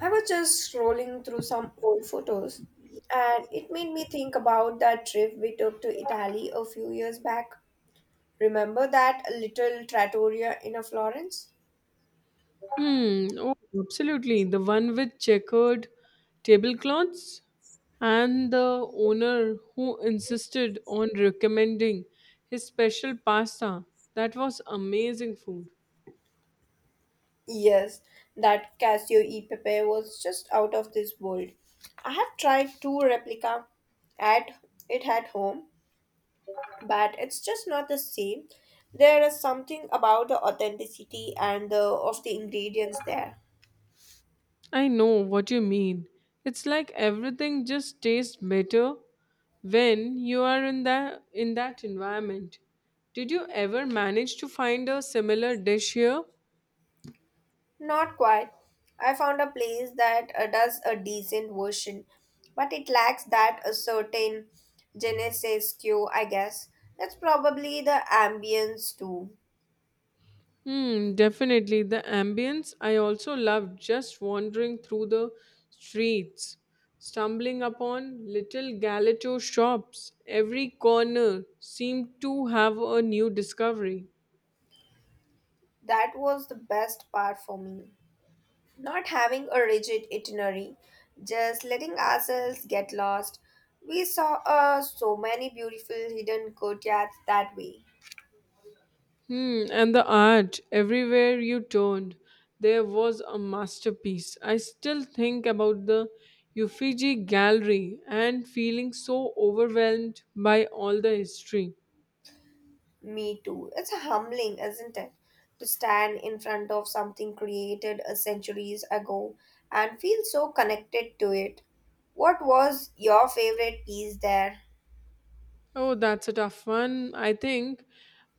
I was just scrolling through some old photos, and it made me think about that trip we took to Italy a few years back. Remember that little trattoria in a Florence? Hmm. Oh, absolutely. The one with checkered tablecloths and the owner who insisted on recommending his special pasta. That was amazing food. Yes, that Casio e Pepe was just out of this world. I have tried two replica at it at home, but it's just not the same. There is something about the authenticity and the of the ingredients there. I know what you mean. It's like everything just tastes better when you are in that environment. Did you ever manage to find a similar dish here? Not quite. I found a place that does a decent version, but it lacks that a certain Genesis cue, I guess. That's probably the ambience too. Hmm, definitely. The ambience I also loved just wandering through the streets, stumbling upon little galato shops. Every corner seemed to have a new discovery. That was the best part for me. Not having a rigid itinerary, just letting ourselves get lost. We saw so many beautiful hidden courtyards that way. Hmm, and the art, everywhere you turned, there was a masterpiece. I still think about the Uffizi Gallery and feeling so overwhelmed by all the history. Me too. It's humbling, isn't it? To stand in front of something created a centuries ago and feel so connected to it. What was your favorite piece there? Oh, that's a tough one. I think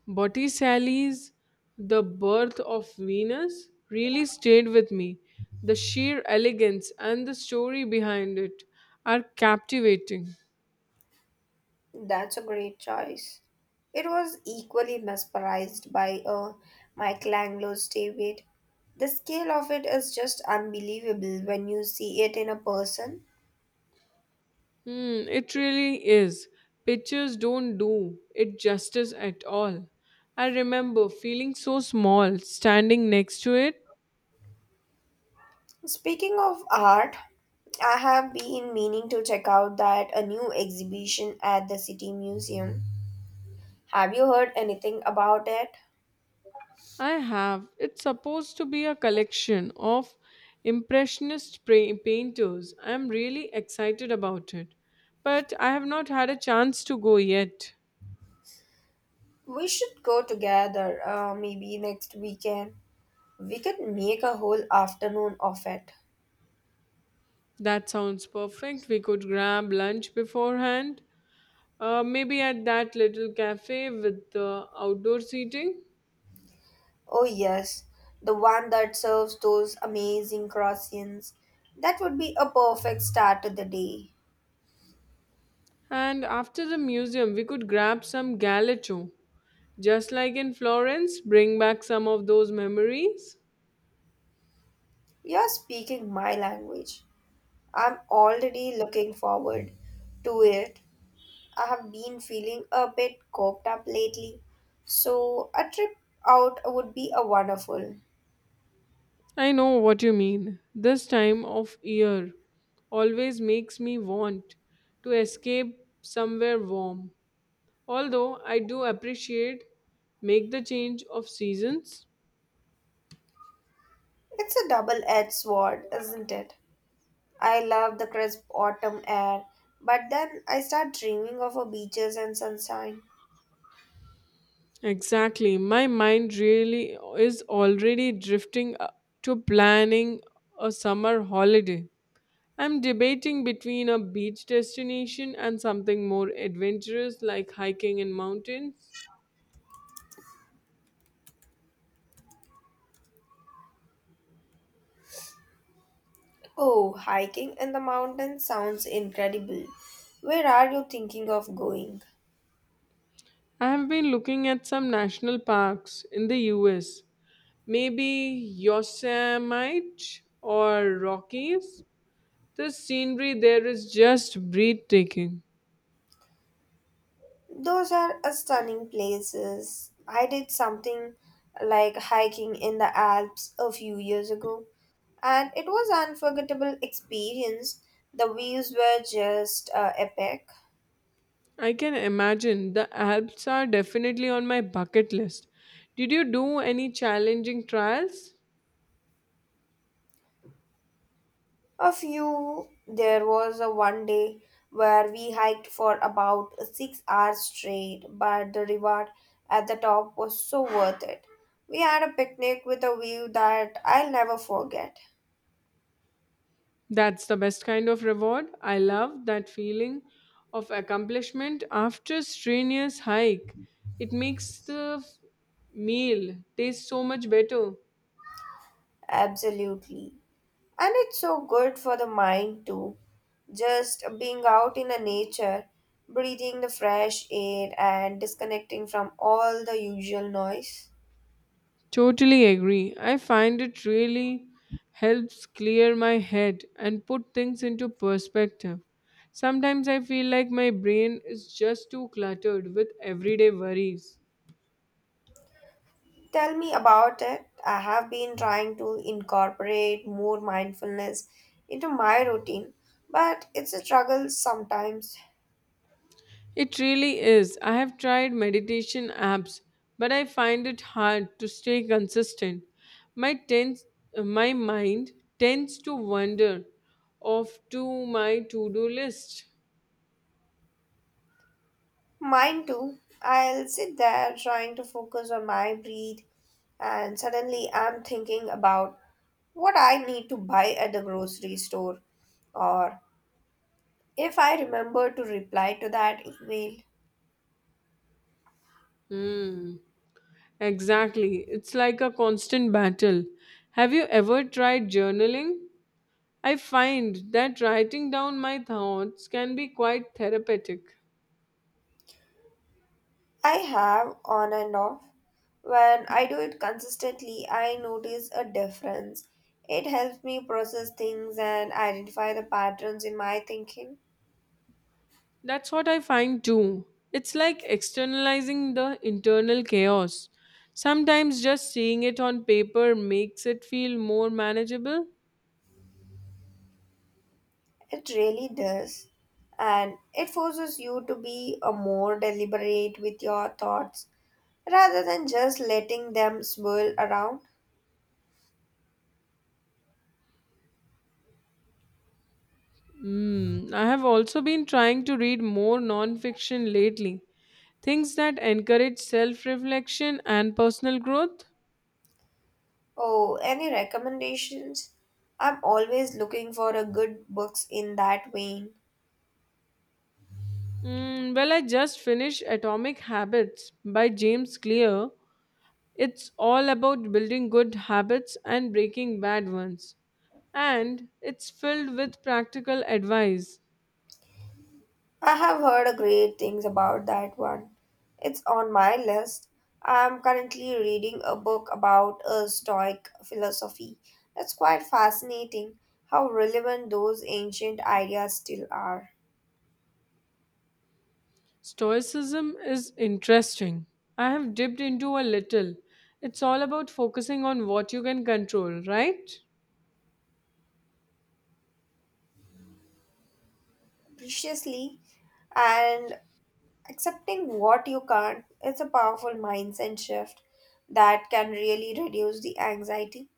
Botticelli's The Birth of Venus really stayed with me. The sheer elegance and the story behind it are captivating. That's a great choice. It was equally mesmerized by Michelangelo's David. The scale of it is just unbelievable when you see it in a person. Hmm, it really is. Pictures don't do it justice at all. I remember feeling so small standing next to it. Speaking of art, I have been meaning to check out that a new exhibition at the City Museum. Have you heard anything about it? I have. It's supposed to be a collection of painters. I am really excited about it. But I have not had a chance to go yet. We should go together, maybe next weekend. We could make a whole afternoon of it. That sounds perfect. We could grab lunch beforehand. Maybe at that little cafe with the outdoor seating. Oh, yes, the one that serves those amazing croissants. That would be a perfect start to the day. And after the museum, we could grab some galletto. Just like in Florence, bring back some of those memories. You're speaking my language. I'm already looking forward to it. I have been feeling a bit coked up lately, so a trip out would be a wonderful. I know what you mean. This time of year always makes me want to escape somewhere warm. Although I do appreciate make the change of seasons. It's a double-edged sword, isn't it? I love the crisp autumn air, but then I start dreaming of a beaches and sunshine. Exactly. My mind really is already drifting to planning a summer holiday. I'm debating between a beach destination and something more adventurous like hiking in mountains. Oh, hiking in the mountains sounds incredible. Where are you thinking of going? I have been looking at some national parks in the US, maybe Yosemite or Rockies. The scenery there is just breathtaking. Those are a stunning places. I did something like hiking in the Alps a few years ago, and it was unforgettable experience. The views were just epic. I can imagine the Alps are definitely on my bucket list. Did you do any challenging trials? A few there was a one day where we hiked for about 6 hours straight, but the reward at the top was so worth it. We had a picnic with a view that I'll never forget. That's the best kind of reward. I love that feeling of accomplishment after a strenuous hike. It makes the meal taste so much better. Absolutely. And it's so good for the mind too. Just being out in the nature, breathing the fresh air, and disconnecting from all the usual noise. Totally agree. I find it really helps clear my head and put things into perspective. Sometimes I feel like my brain is just too cluttered with everyday worries. Tell me about it. I have been trying to incorporate more mindfulness into my routine, but it's a struggle sometimes. It really is. I have tried meditation apps, but I find it hard to stay consistent. My tends, my mind tends to wander off to my to-do list. Mine too. I'll sit there trying to focus on my breed, and suddenly I'm thinking about what I need to buy at the grocery store, or if I remember to reply to that email. Hmm. Exactly. It's like a constant battle. Have you ever tried journaling? I find that writing down my thoughts can be quite therapeutic. I have on and off. When I do it consistently, I notice a difference. It helps me process things and identify the patterns in my thinking. That's what I find too. It's like externalizing the internal chaos. Sometimes just seeing it on paper makes it feel more manageable. It really does. And it forces you to be a more deliberate with your thoughts rather than just letting them swirl around. Mm, I have also been trying to read more nonfiction lately, things that encourage self reflection and personal growth. Oh, any recommendations? I'm always looking for a good books in that vein. Mm, well, I just finished Atomic Habits by James Clear. It's all about building good habits and breaking bad ones. And it's filled with practical advice. I have heard great things about that one. It's on my list. I'm currently reading a book about a Stoic philosophy. It's quite fascinating how relevant those ancient ideas still are. Stoicism is interesting. I have dipped into a little. It's all about focusing on what you can control, right? Preciously and accepting what you can't, it's a powerful mindset shift that can really reduce the anxiety.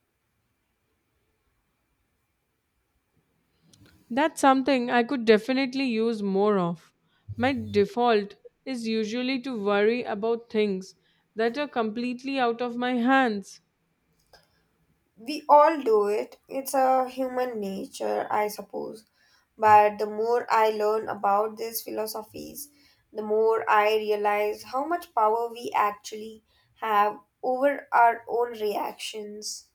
That's something I could definitely use more of. My default is usually to worry about things that are completely out of my hands. We all do it, it's a human nature, I suppose, but the more I learn about these philosophies, the more I realize how much power we actually have over our own reactions.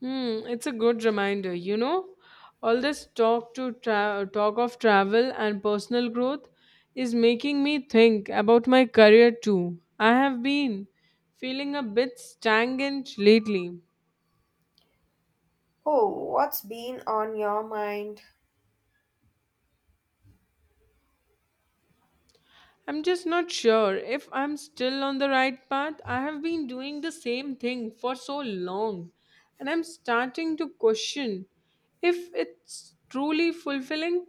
Hmm, it's a good reminder, you know. All this talk of travel and personal growth is making me think about my career too. I have been feeling a bit stagnant lately. Oh, what's been on your mind? I'm just not sure if I'm still on the right path. I have been doing the same thing for so long, and I'm starting to question if it's truly fulfilling.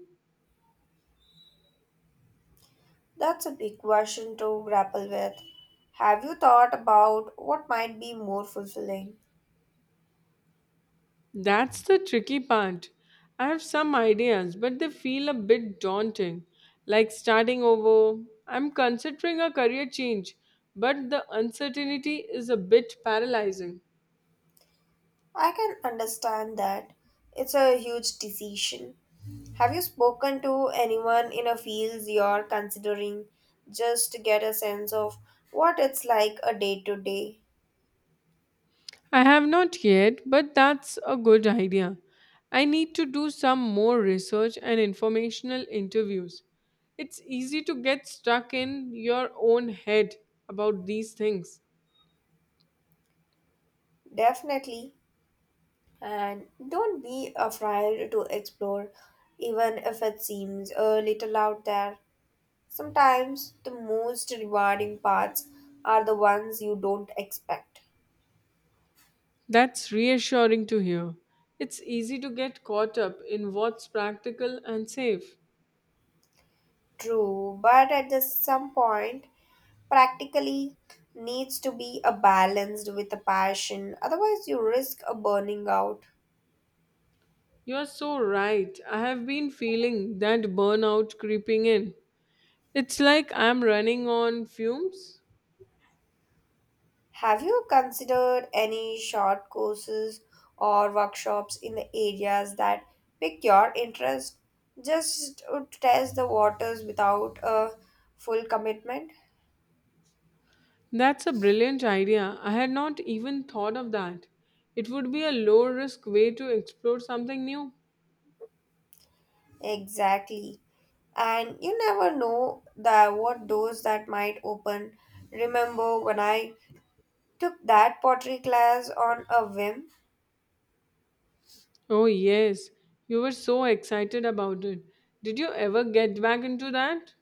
That's a big question to grapple with. Have you thought about what might be more fulfilling? That's the tricky part. I have some ideas, but they feel a bit daunting, like starting over. I'm considering a career change, but the uncertainty is a bit paralyzing. I can understand that. It's a huge decision. Have you spoken to anyone in a field you're considering just to get a sense of what it's like a day to day? I have not yet, but that's a good idea. I need to do some more research and informational interviews. It's easy to get stuck in your own head about these things. Definitely. And don't be afraid to explore, even if it seems a little out there. Sometimes the most rewarding parts are the ones you don't expect. That's reassuring to hear. It's easy to get caught up in what's practical and safe. True, but at the some point, practically needs to be a balanced with a passion, otherwise you risk a burning out. You're so right. I have been feeling that burnout creeping in. It's like I'm running on fumes. Have you considered any short courses or workshops in the areas that pick your interest? Just to test the waters without a full commitment? That's a brilliant idea. I had not even thought of that. It would be a low risk way to explore something new. Exactly. And you never know the what doors that might open. Remember when I took that pottery class on a whim? Oh, yes. You were so excited about it. Did you ever get back into that?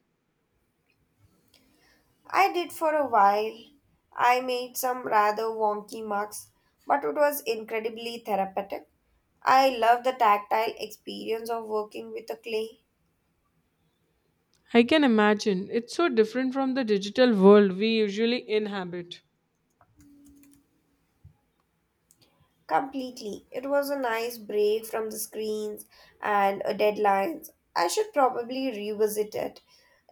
I did for a while. I made some rather wonky marks, but it was incredibly therapeutic. I love the tactile experience of working with a clay. I can imagine. It's so different from the digital world we usually inhabit. Completely. It was a nice break from the screens and deadlines. I should probably revisit it.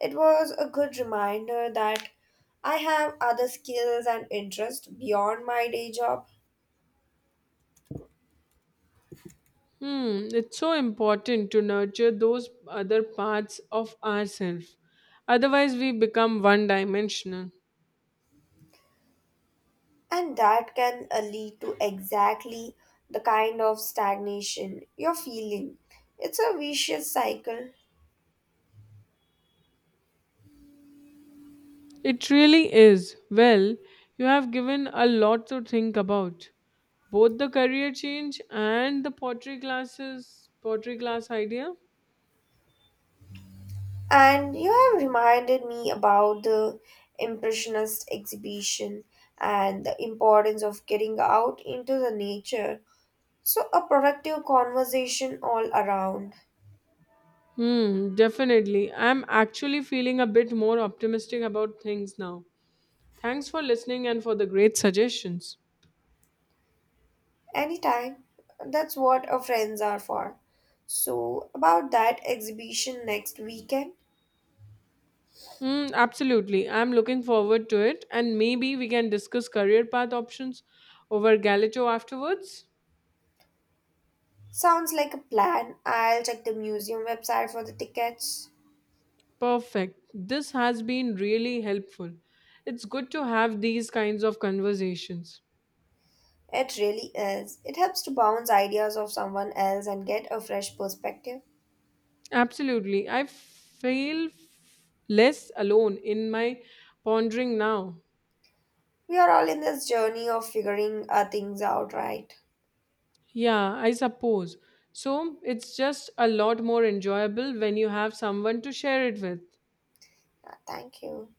It was a good reminder that I have other skills and interests beyond my day job, Hmm, it's so important to nurture those other parts of ourselves. Otherwise, we become one dimensional. and that can lead to exactly the kind of stagnation you're feeling. It's a vicious cycle. It really is. Well, you have given a lot to think about. Both the career change and the pottery class idea. And you have reminded me about the Impressionist exhibition and the importance of getting out into the nature. So, a productive conversation all around, Hmm, definitely. I'm actually feeling a bit more optimistic about things now. Thanks for listening and for the great suggestions. anytime. That's what our friends are for. So, about that exhibition next weekend. Mm, absolutely. I'm looking forward to it, and maybe we can discuss career path options over Galito afterwards. Sounds like a plan. I'll check the museum website for the tickets. Perfect. This has been really helpful. It's good to have these kinds of conversations. It really is. It helps to bounce ideas off someone else and get a fresh perspective. Absolutely. Less alone in my pondering now. We are all in this journey of figuring things out, right? Yeah, I suppose. So it's just a lot more enjoyable when you have someone to share it with. Thank you.